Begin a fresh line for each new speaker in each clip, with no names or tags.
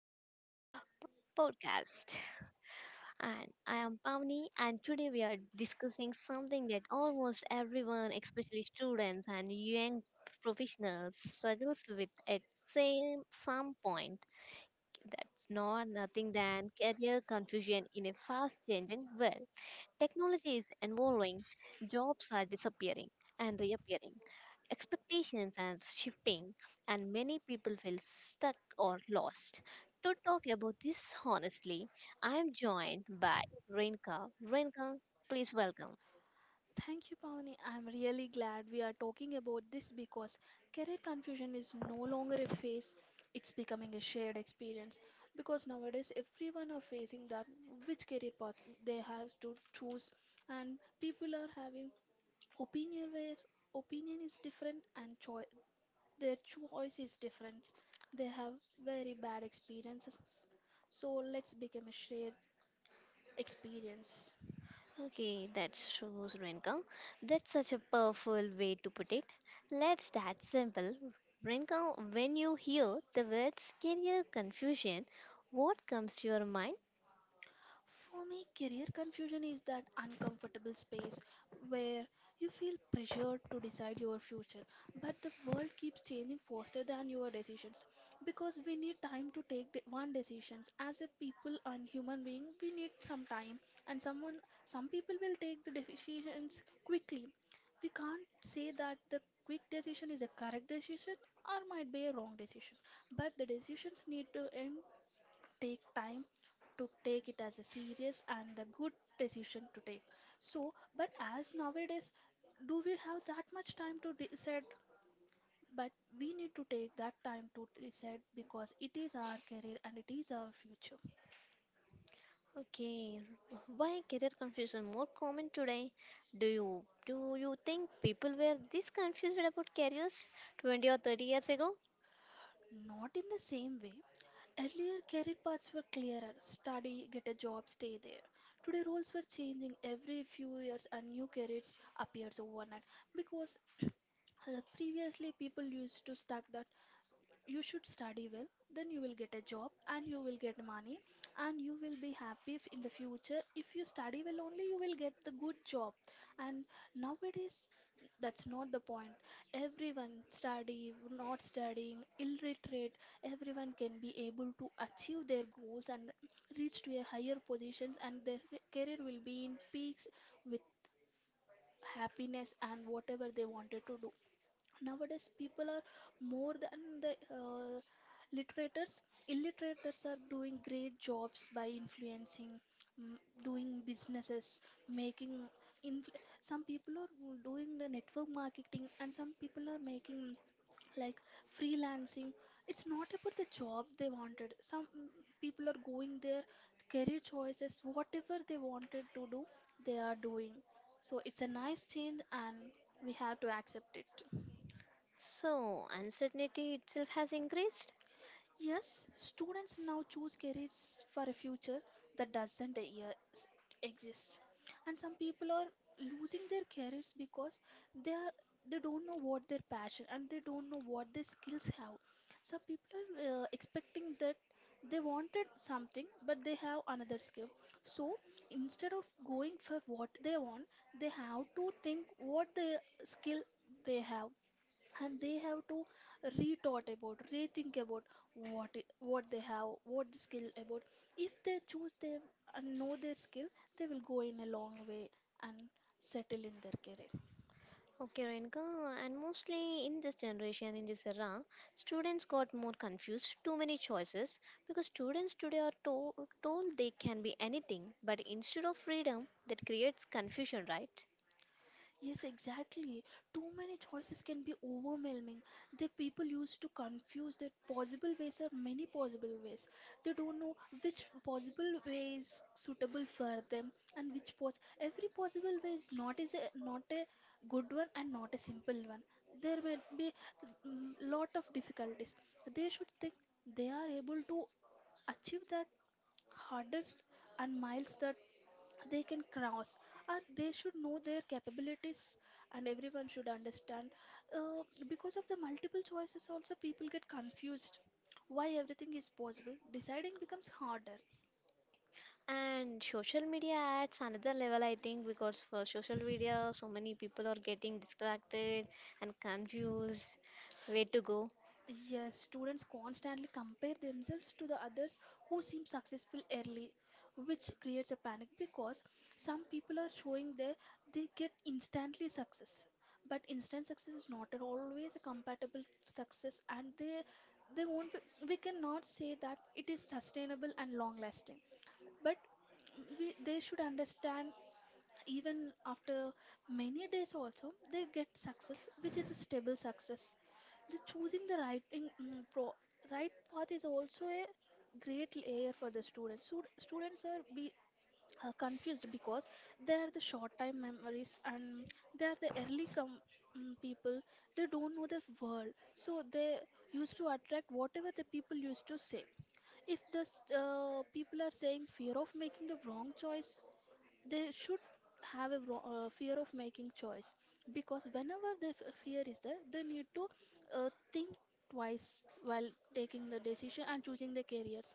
to podcast. And I am Pavni and today we are discussing something that almost everyone, especially students and young professionals struggles with at same some point. That's nothing than career confusion in a fast changing world. Technology is evolving, jobs are disappearing and reappearing, expectations are shifting, and many people feel stuck or lost. To talk about this honestly, I am joined by Renka. Renka, please welcome.
Thank you, Pavani. I'm really glad we are talking about this because career confusion is no longer a phase, it's becoming a shared experience. Because nowadays, everyone are facing that which career path they have to choose, and people are having opinion where opinion is different and choi their choice is different. They have very bad experiences. So let's become a shared experience.
Okay, that shows Renka. That's such a powerful way to put it. Let's start simple. Renka, when you hear the words career confusion, what comes to your mind?
For me, career confusion is that uncomfortable space where you feel pressured to decide your future, but the world keeps changing faster than your decisions. Because we need time to take one decisions. As a people and human being, we need some time, and someone, some people will take the decisions quickly. We can't say that the quick decision is a correct decision or might be a wrong decision, but the decisions need to end take time to take it as a serious and the good decision to take so but as nowadays do we have that much time to decide but we need to take that time to decide because it is our career and it is our future.
Okay, why career confusion more common today? Do you think people were this confused about careers 20 or 30 years ago?
Not in the same way, earlier career paths were clearer, study, get a job, stay there. Today roles were changing every few years and new careers appears overnight. Because previously people used to stuck the you should study well, then you will get a job and you will get money and you will be happy. If in the future, if you study well only, you will get the good job. And nowadays that's not the point. Everyone study, not studying illiterate, everyone can be able to achieve their goals and reach to a higher positions and their career will be in peaks with happiness and whatever they wanted to do. Nowadays people are more than the literators, illiterators are doing great jobs by influencing, mm, doing businesses, making some people are doing the network marketing and some people are making like freelancing. It's not about the job they wanted. Some people are going their career choices whatever they wanted to do, they are doing. So it's a nice change and we have to accept it.
So uncertainty itself has increased.
Yes, students now choose careers for a future that doesn't e- exist. And some people are losing their careers because they are, they don't know what their passion and they don't know what their skills have. Some people are expecting that they wanted something but they have another skill. So instead of going for what they want, they have to think what the skill they have, and they have to retaught about rethink about what it, what they have, what the skill about. If they choose their and know their skill, they will go in a long way and settle in their career.
Okay, Renka, and mostly in this generation, in this era, students got more confused, too many choices, because students today are told they can be anything, but instead of freedom, that creates confusion, right?
Yes, exactly. Too many choices can be overwhelming. The people used to confuse that possible ways are many possible ways. They don't know which possible way is suitable for them, and which pos every possible way is not is a, not a good one and not a simple one. There may be lot of difficulties. They should think they are able to achieve that hardest and miles that they can cross, or they should know their capabilities, and everyone should understand, uh, because of the multiple choices also people get confused. Why everything is possible, deciding becomes harder.
And social media adds another level, I think, because for social media, so many people are getting distracted and confused where to go.
Yes, students constantly compare themselves to the others who seem successful early, which creates a panic because some people are showing their they get instantly success. But instant success is not at always a compatible success, and they won't be, we cannot say that it is sustainable and long lasting. But we, they should understand, even after many days also they get success which is a stable success. The choosing the right right path is also a great layer for the students. Students are be confused because they are the short time memories and they are the early people. They don't know the world, so they used to attract whatever the people used to say. If the people are saying fear of making the wrong choice, they should have a fear of making choice, because whenever the fear is there, they need to think twice while taking the decision and choosing their careers.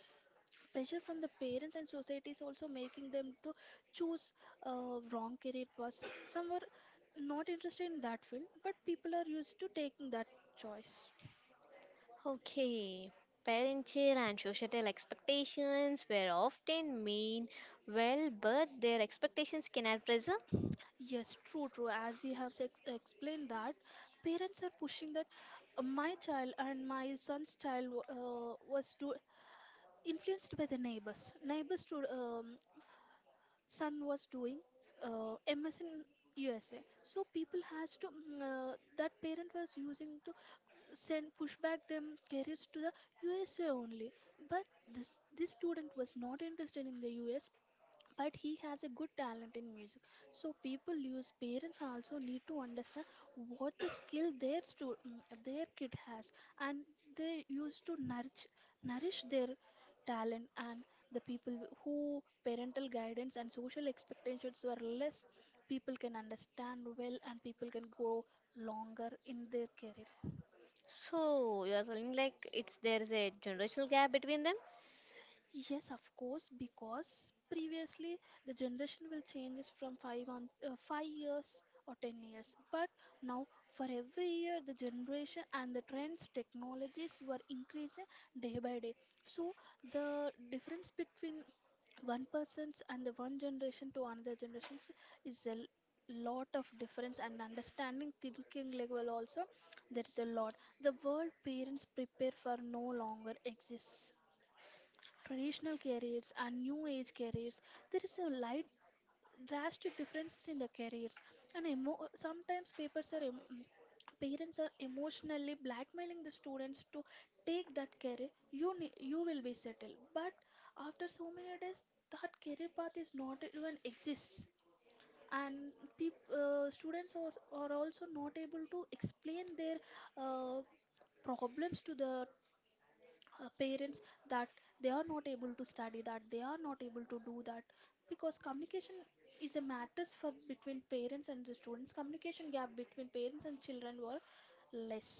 Pressure from the parents and society is also making them to choose wrong career paths. Some were not interested in that field but people are used to taking that choice.
Okay, parental and societal expectations were often mean well, but their expectations can add pressure.
Yes, true, true. As we have explained that parents are pushing that my child and my son's child was do influenced by the neighbors. Neighbors' son was doing MS in USA, so people has to that parent was using to send push back them careers to the USA only. But this student was not interested in the US, but he has a good talent in music. So people use parents also need to understand what the skill their their kid has, and they used to nourish their talent. And the people who parental guidance and social expectations were less, people can understand well and people can grow longer in their career.
So you are telling like it's there is a generational gap between them.
Yes, of course, because previously the generation will changes from 5 years or 10 years, but now for every year the generation and the trends technologies were increasing day by day. So the difference between one person's and the one generation to another generations is a lot of difference, and understanding thinking level also there is a lot. The world parents prepare for no longer exists. Traditional careers and new age careers, there is a light drastic differences in the careers. And sometimes papers are parents are emotionally blackmailing the students to take that career. You will be settled, but after so many days that career path is not even exists. And students are also not able to explain their uh, problems to the parents that they are not able to study, that they are not able to do that, because communication is a matters for between parents and the students. Communication gap between parents and children were less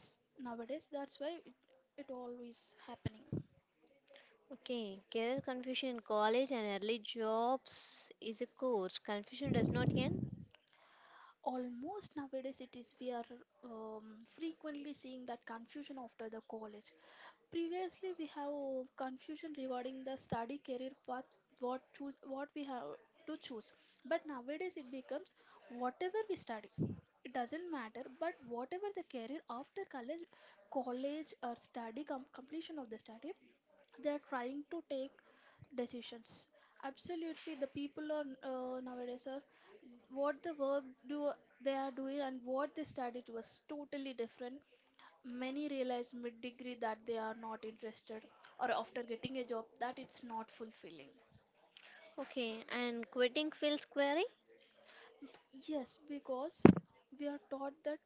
nowadays, that's why it, it always happening.
Okay, career confusion in college and early jobs is a course. Confusion does not end.
Almost nowadays it is we are frequently seeing that confusion after the college. Previously, we have confusion regarding the study career path, what choose, what we have to choose. But nowadays, it becomes whatever we study, it doesn't matter. But whatever the career after college, college or study completion of the study, they are trying to take decisions. Absolutely, the people are nowadays are what the work do they are doing and what they studied was totally different. Many realize mid degree that they are not interested, or after getting a job, that it's not fulfilling.
Okay, and quitting feels query?
Yes, because we are taught that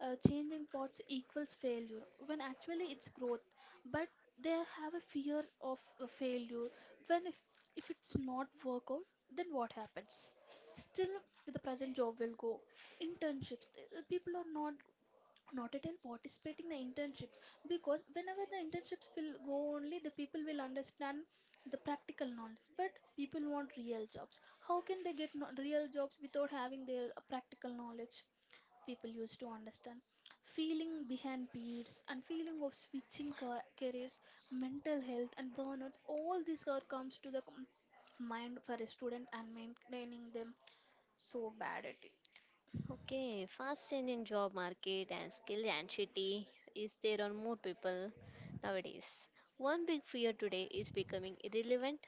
changing paths equals failure when actually it's growth, but they have a fear of failure. When if it's not work out, then what happens? Still, the present job will go. Internships, the people are not not at all participating the internships, because whenever the internships will go only the people will understand the practical knowledge. But people want real jobs. How can they get real jobs without having their practical knowledge? People used to understand feeling behind peers and feeling of switching careers. Mental health and burnouts, all this are comes to the mind for a student, and maintaining them so bad at it.
Okay, fast changing job market and skill anxiety is there on more people nowadays. One big fear today is becoming irrelevant.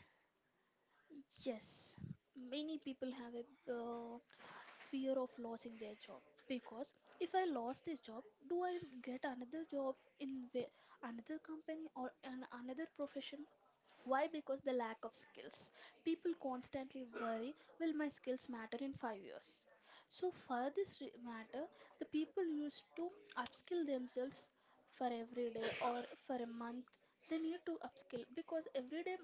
Yes, many people have a fear of losing their job, because if I lost this job, do I get another job in another company or an another profession? Why? Because the lack of skills. People constantly worry, will my skills matter in 5 years? So for this matter, the people used to upskill themselves for every day or for a month. They need to upskill because every day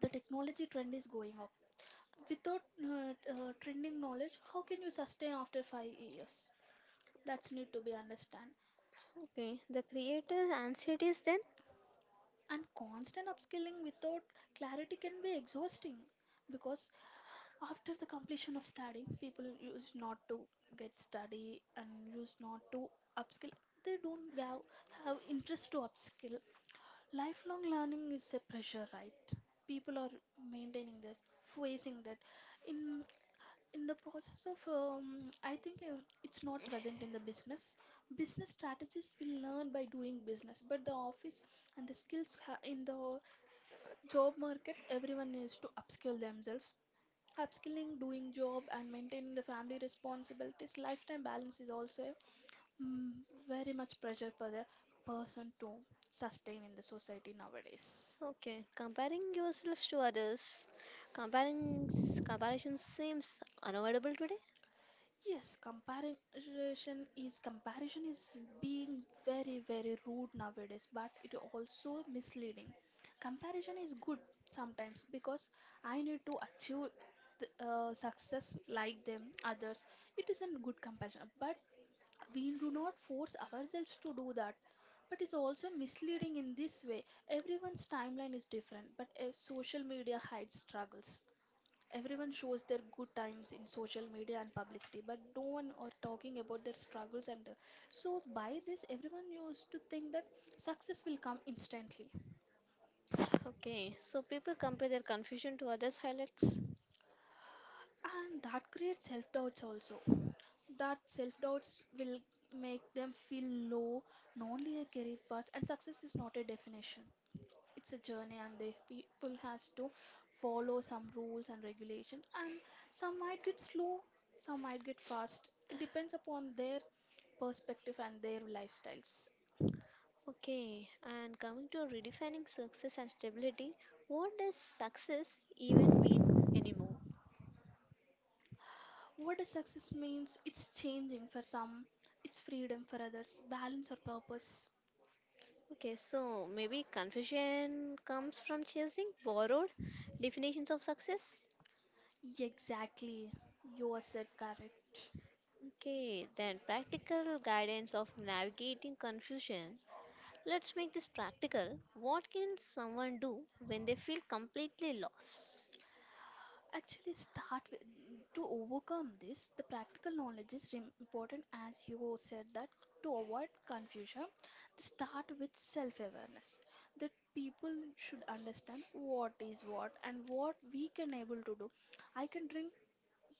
the technology trend is going without trending knowledge. How can you sustain after 5 years? That's need to be understand.
Okay, the creator anxieties then?
And constant upskilling without clarity can be exhausting because after the completion of studying people use not to get study and use not to upskill. They don't have interest to upskill. Lifelong learning is a pressure, right? People are maintaining that, facing that, in the process of, I think, it's not present in the business. Business strategists will learn by doing business, but the office and the in the job market, everyone needs to upskill themselves. Upskilling, doing job, and maintaining the family responsibilities, lifetime balance is also a, mm, very much pressure for the person to sustain in the society nowadays.
Okay, comparing yourself to others, comparing comparison seems unavoidable today.
Yes, comparison is being very very rude nowadays, but it also misleading. Comparison is good sometimes because I need to achieve success like them others. It is a good comparison, but we do not force ourselves to do that. But it's also misleading in this way. Everyone's timeline is different, but social media hides struggles. Everyone shows their good times in social media and publicity, but no one are talking about their struggles. And So, by this, everyone used to think that success will come instantly,
Okay, so people compare their confusion to others' highlights.
and that creates self doubts also. That self doubts will make them feel low, lonely a career path, and success is not a definition. It's a journey, and the people has to follow some rules and regulations. And some might get slow, some might get fast. It depends upon their perspective and their lifestyles.
Okay, and coming to redefining success and stability, what does success even mean anymore?
What does success means? It's changing for some, it's freedom for others, balance or purpose.
Okay, so maybe confusion comes from chasing borrowed definitions of success.
Exactly, you said correct.
Okay, then practical guidance of navigating confusion. Let's make this practical. What can someone do when they feel completely lost?
Actually, start with to overcome this, the practical knowledge is important, as you said that. To avoid confusion, start with self awareness. That people should understand what is what and what we can able to do. I can drink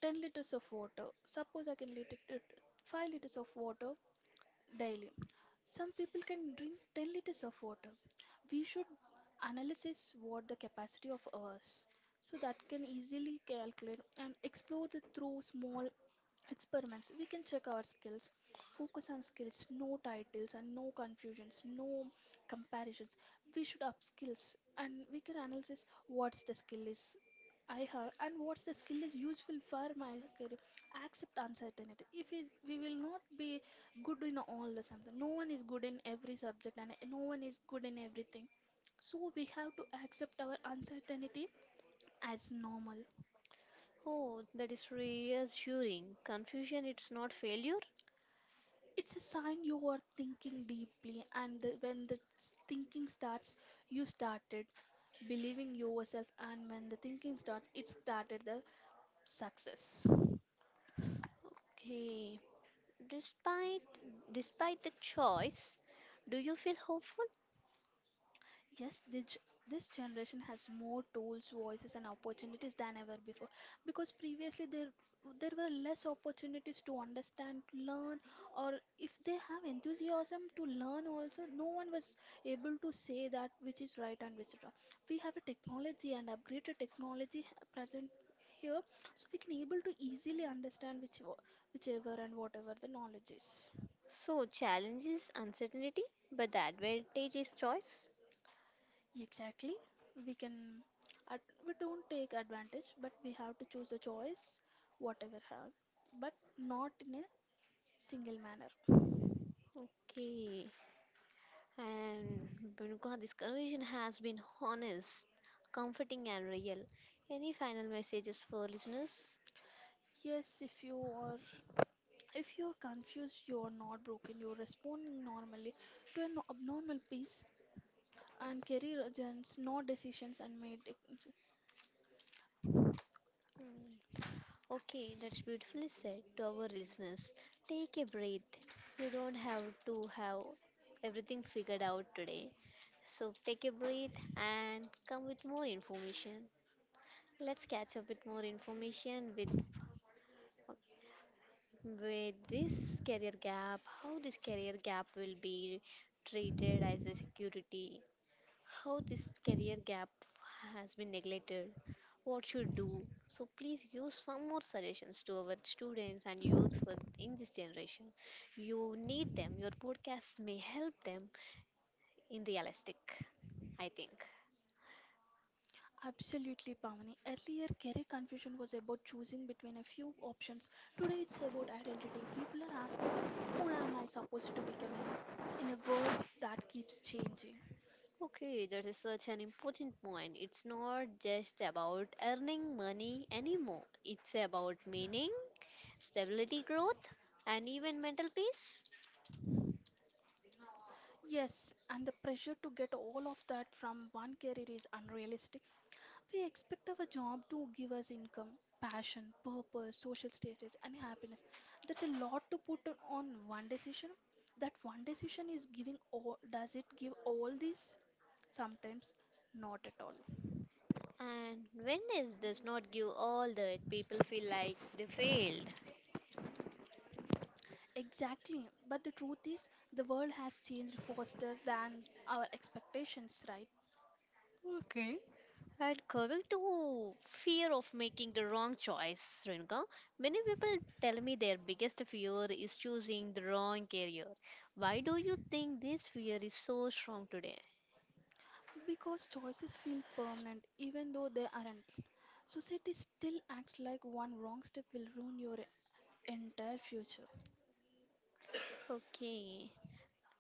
10 liters of water. Suppose I can let it at 5 liters of water daily. Some people can drink 10 liters of water. We should analyze what the capacity of us so that can easily calculate and explore the through small experiments. We can check our skills, focus on skills, no titles and no confusions, no comparisons. We should up skills and we can analyze what's the skill is I have and what's the skill is useful for my career. Accept uncertainty. If is- We will not be good in all the something. No one is good in every subject and no one is good in everything, so we have to accept our uncertainty as normal.
Oh, that is reassuring. Confusion, it's not failure.
It's a sign you are thinking deeply, and the, when the s- thinking starts, you started believing yourself, and when the thinking starts, it started the success.
Okay, Despite despite the choice, do you feel hopeful?
Yes, this generation has more tools, voices, and opportunities than ever before. Because previously there were less opportunities to understand, to learn, or if they have enthusiasm to learn also, no one was able to say that which is right and which is wrong. We have a technology and upgraded technology present here, so we can able to easily understand whichever and whatever the knowledge is.
So challenge is uncertainty, but the advantage is choice.
Exactly. We can, we don't take advantage, but we have to choose a choice, whatever have, but not in a single manner.
Okay, and Benuka, this conversation has been honest, comforting, and real. Any final messages for listeners?
Yes, if you're confused, you're not broken, you're responding normally to an abnormal piece and career agents, not decisions and made.
Hmm. Okay, that's beautifully said to our listeners. Take a breath. You don't have to have everything figured out today. So take a breath and come with more information. Let's catch up with more information with this career gap, how this career gap will be treated as a security, how this career gap has been neglected, what should do. So please give some more suggestions to our students and youth for in this generation. You need them. Your podcast may help them in realistic, I think.
Absolutely, Pavani. Earlier, career confusion was about choosing between a few options. Today, it's about identity. People are asking, who am I supposed to become in a world that keeps changing?
Okay, that is such an important point. It's not just about earning money anymore. It's about meaning, stability, growth, and even mental peace.
Yes, and the pressure to get all of that from one career is unrealistic. We expect our job to give us income, passion, purpose, social status, and happiness. That's a lot to put on one decision. That one decision is giving all, does it give all this? Sometimes not at all.
And when this does not give all that, people feel like they failed.
Exactly. But the truth is, the world has changed faster than our expectations, right?
Okay. And coming to fear of making the wrong choice, Renuka, many people tell me their biggest fear is choosing the wrong career. Why do you think this fear is so strong today?
Because choices feel permanent even though they aren't. Society still acts like one wrong step will ruin your entire future.
Okay.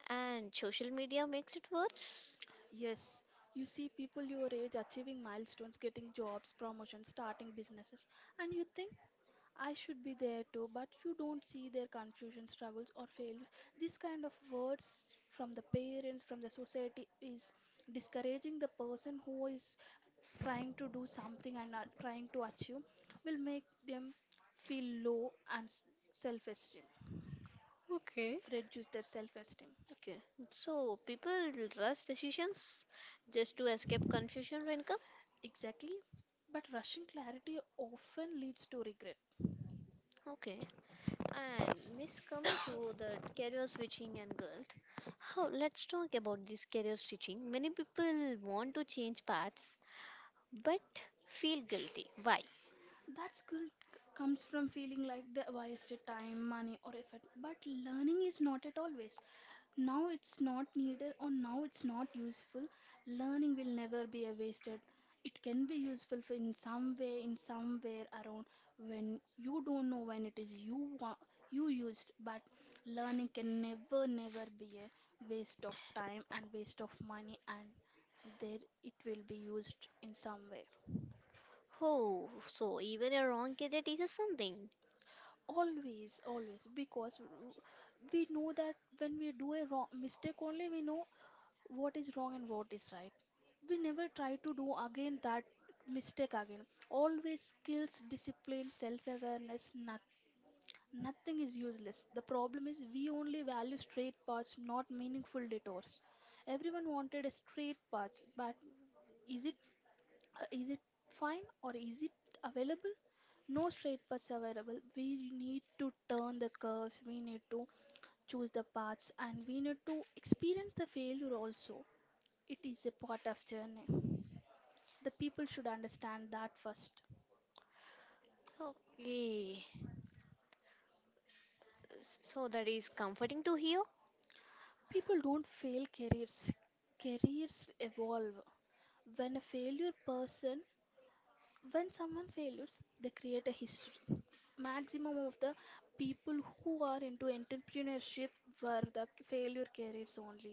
And social media makes it worse?
Yes, you see people your age achieving milestones, getting jobs, promotions, starting businesses, and you think I should be there too, but you don't see their confusion, struggles, or failures. This kind of words from the parents, from the society, is discouraging the person who is trying to do something and are trying to achieve, will make them feel low and self esteem,
Okay.
reduce their self esteem.
Okay. So people rush decisions just to escape confusion, Renuka?
Exactly, but rushing clarity often leads to regret.
Okay. And this coming to the career switching and guilt. How let's talk about this career switching. Many people want to change paths but feel guilty. Why?
That comes from feeling like they wasted time, money, or effort. But learning is not at all waste. Now it's not needed or now it's not useful. Learning will never be a wasted. It can be useful for in some way, in somewhere around when you don't know when it is you used. But learning can never, never be a waste of time and waste of money, and there it will be used in some way.
Oh, so even a wrong career teaches something.
Always, always, because we know that when we do a wrong mistake only, we know what is wrong and what is right. We never try to do again that mistake again. Always skills, discipline, self-awareness, nothing is useless. The problem is we only value straight paths, not meaningful detours. Everyone wanted a straight path, but is it, is it fine or is it available? No straight paths available. We need to turn the curves, we need to choose the paths, and we need to experience the failure also. It is a part of journey. The people should understand that first.
Okay. So that is comforting to hear.
People don't fail careers, careers evolve. When a failure person, when someone fails, they create a history. Maximum of the people who are into entrepreneurship were the failure careers only.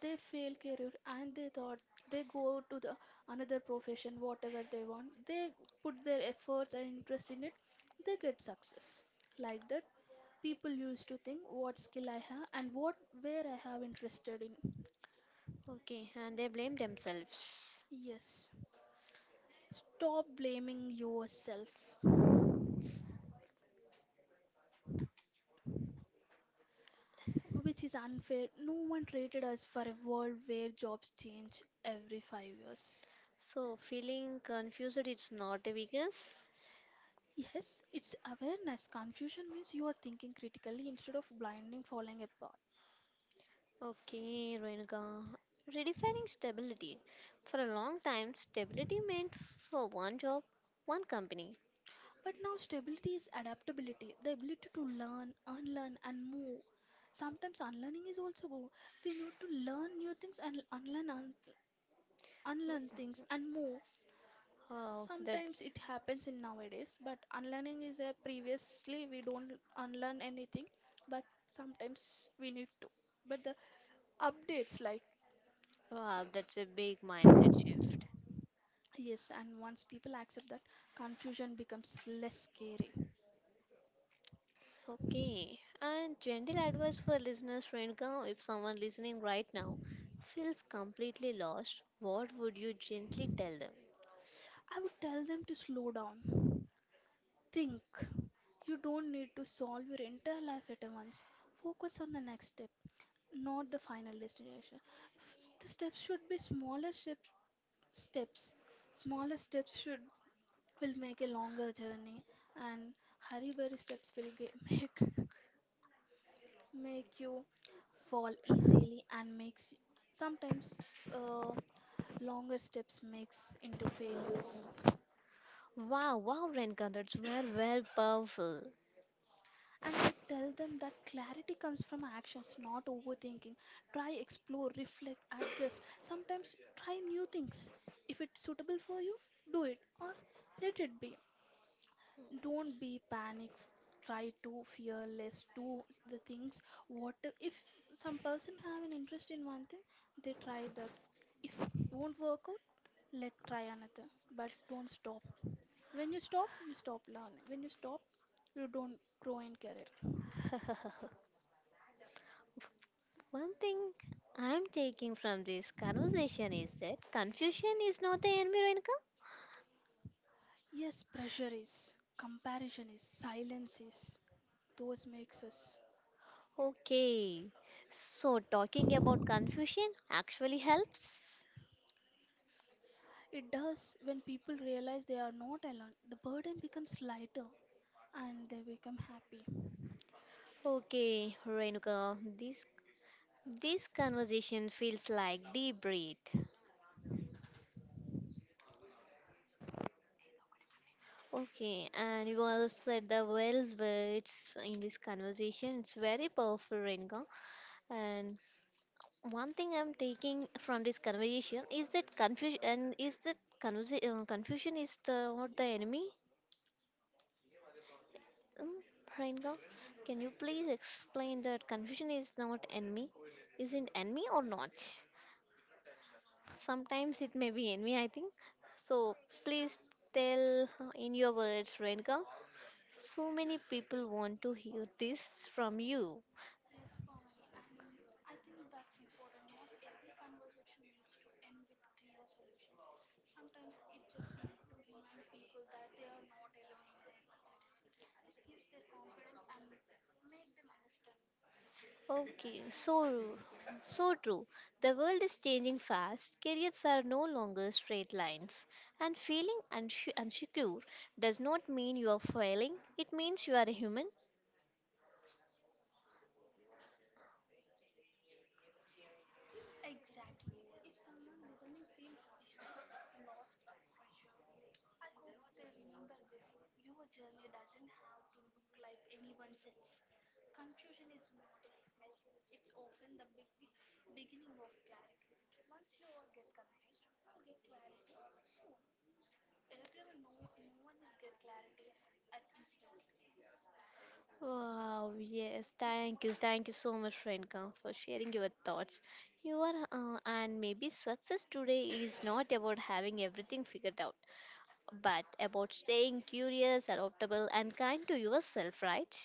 They fail career and they thought they go to the another profession, whatever they want. They put their efforts and interest in it, they get success. Like that, people used to think what skill I have and what where I have interested in.
Okay, and they blame themselves.
Yes, stop blaming yourself, which is unfair. No one rated us for a world where jobs change every 5 years.
So feeling confused it's not a weakness.
Yes, it's awareness. Confusion means you are thinking critically instead of blindly following a path.
Okay, Renuka. Redefining stability. For a long time, stability meant for one job, one company.
But now stability is adaptability, the ability to learn, unlearn, and move. Sometimes unlearning is also we need to learn new things and unlearn things and move.
Oh,
Sometimes
that's
it happens in nowadays, but unlearning is a previously we don't unlearn anything, but sometimes we need to. But the updates like
wow, that's a big mindset.
yes, and once people accept that, confusion becomes less scary.
Okay, and gentle advice for listeners, Renuka. If someone listening right now feels completely lost, what would you gently tell them?
I would tell them to slow down, think, you don't need to solve your entire life at once. Focus on the next step, not the final destination. The steps should be steps. Smaller steps should will make a longer journey, and hurry burry steps will ge- make make you fall easily and makes sometimes, uh, longer steps makes into failures.
Wow, wow, Renuka, that's very, very powerful.
And I would tell them that clarity comes from actions, not overthinking. Try, explore, reflect, adjust. Sometimes try new things. If it's suitable for you, do it or let it be. Don't be panic. Try to fearless. Do the things. What if some person have an interest in one thing, they try that. If won't work out, let try another. But don't stop. When you stop learning. When you stop, you don't grow in career.
One thing I'm taking from this conversation is that confusion is not the enemy, Renika.
Yes, pressure is, comparison is, silence is. Those makes us.
Okay, so talking about confusion actually helps.
It does when people realize they are not alone. The burden becomes lighter and they become happy.
Okay, Renuka, this conversation feels like deep breath. Okay, and you also said the well words in this conversation. It's very powerful, Renuka. And one thing I'm taking from this conversation is that confusion is the not the enemy. Um, Priyanka, can you please explain that confusion is not enemy? Is it enemy or not? Sometimes it may be enemy, I think. So please tell in your words, Renka. So many people want to hear this from you. Okay, so true. The world is changing fast. Careers are no longer straight lines, and feeling unsecure does not mean you are failing. It means you are a human. Wow, yes, thank you so much, Renka, for sharing your thoughts. You are, and maybe success today is not about having everything figured out, but about staying curious, adaptable, and kind to yourself, right?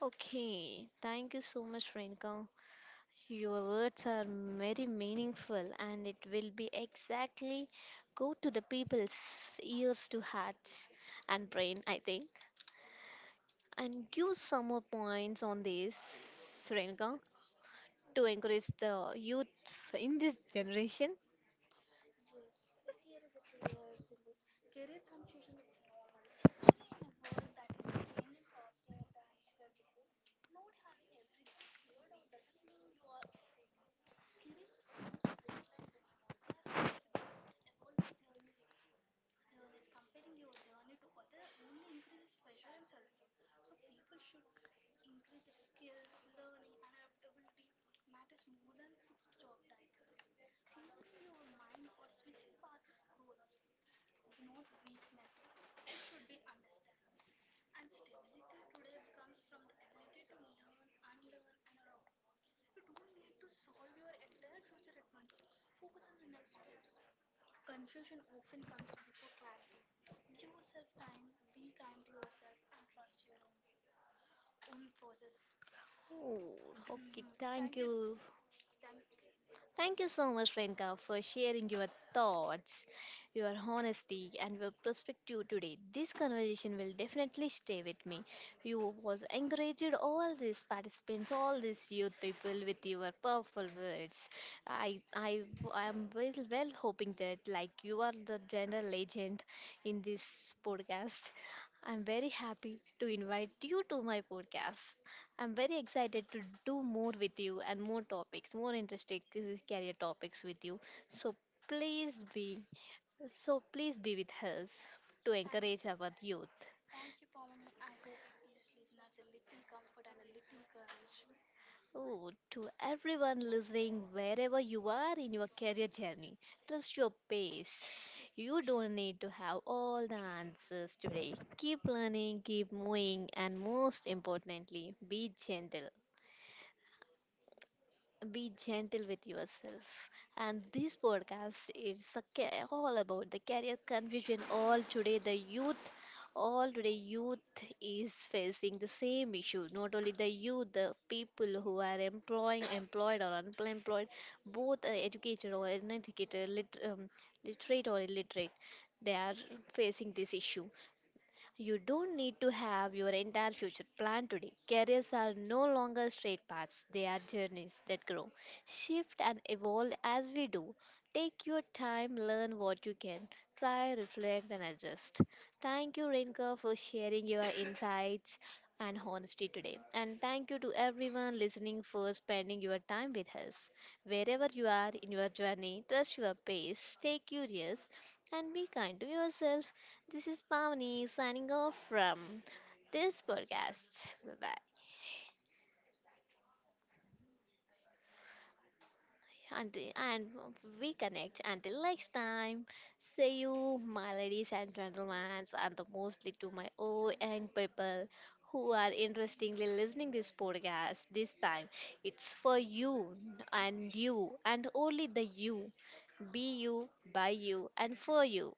Okay, thank you so much, Renka. Your words are very meaningful, and it will be exactly go to the people's ears to hearts and brain, I think. And give some more points on this, Renka, to encourage the youth in this generation. Oh, okay, thank you. Thank you so much, Renka, for sharing your thoughts, your honesty, and your perspective today. This conversation will definitely stay with me. You was encouraged all these participants, all these youth people with your powerful words. I I I am well hoping that like you are the gender legend in this podcast. I'm very happy to invite you to my podcast. I'm very excited to do more with you and more topics, more interesting career topics with you. So please be so please be with us to encourage our youth. Oh, to everyone listening, wherever you are in your career journey, trust your pace. You don't need to have all the answers today. Keep learning, keep moving, and most importantly, be gentle with yourself. And this podcast is all about the career confusion. All today, youth is facing the same issue. Not only the youth, the people who are employing, employed or unemployed, both educated or uneducated, literate or illiterate, they are facing this issue. You don't need to have your entire future planned today. Careers are no longer straight paths, they are journeys that grow, shift, and evolve as we do. Take your time, learn what you can, try, reflect, and adjust. Thank you, Rinka, for sharing your insights and honesty today. And thank you to everyone listening for spending your time with us. Wherever you are in your journey, trust your pace, stay curious, and be kind to yourself. This is Pavni signing off from this podcast. Bye bye. Until, and we connect until next time. See you, my ladies and gentlemen, and the mostly to my old young people who are interestingly listening this podcast this time. It's for you and you and only the you. Be you, by you, and for you.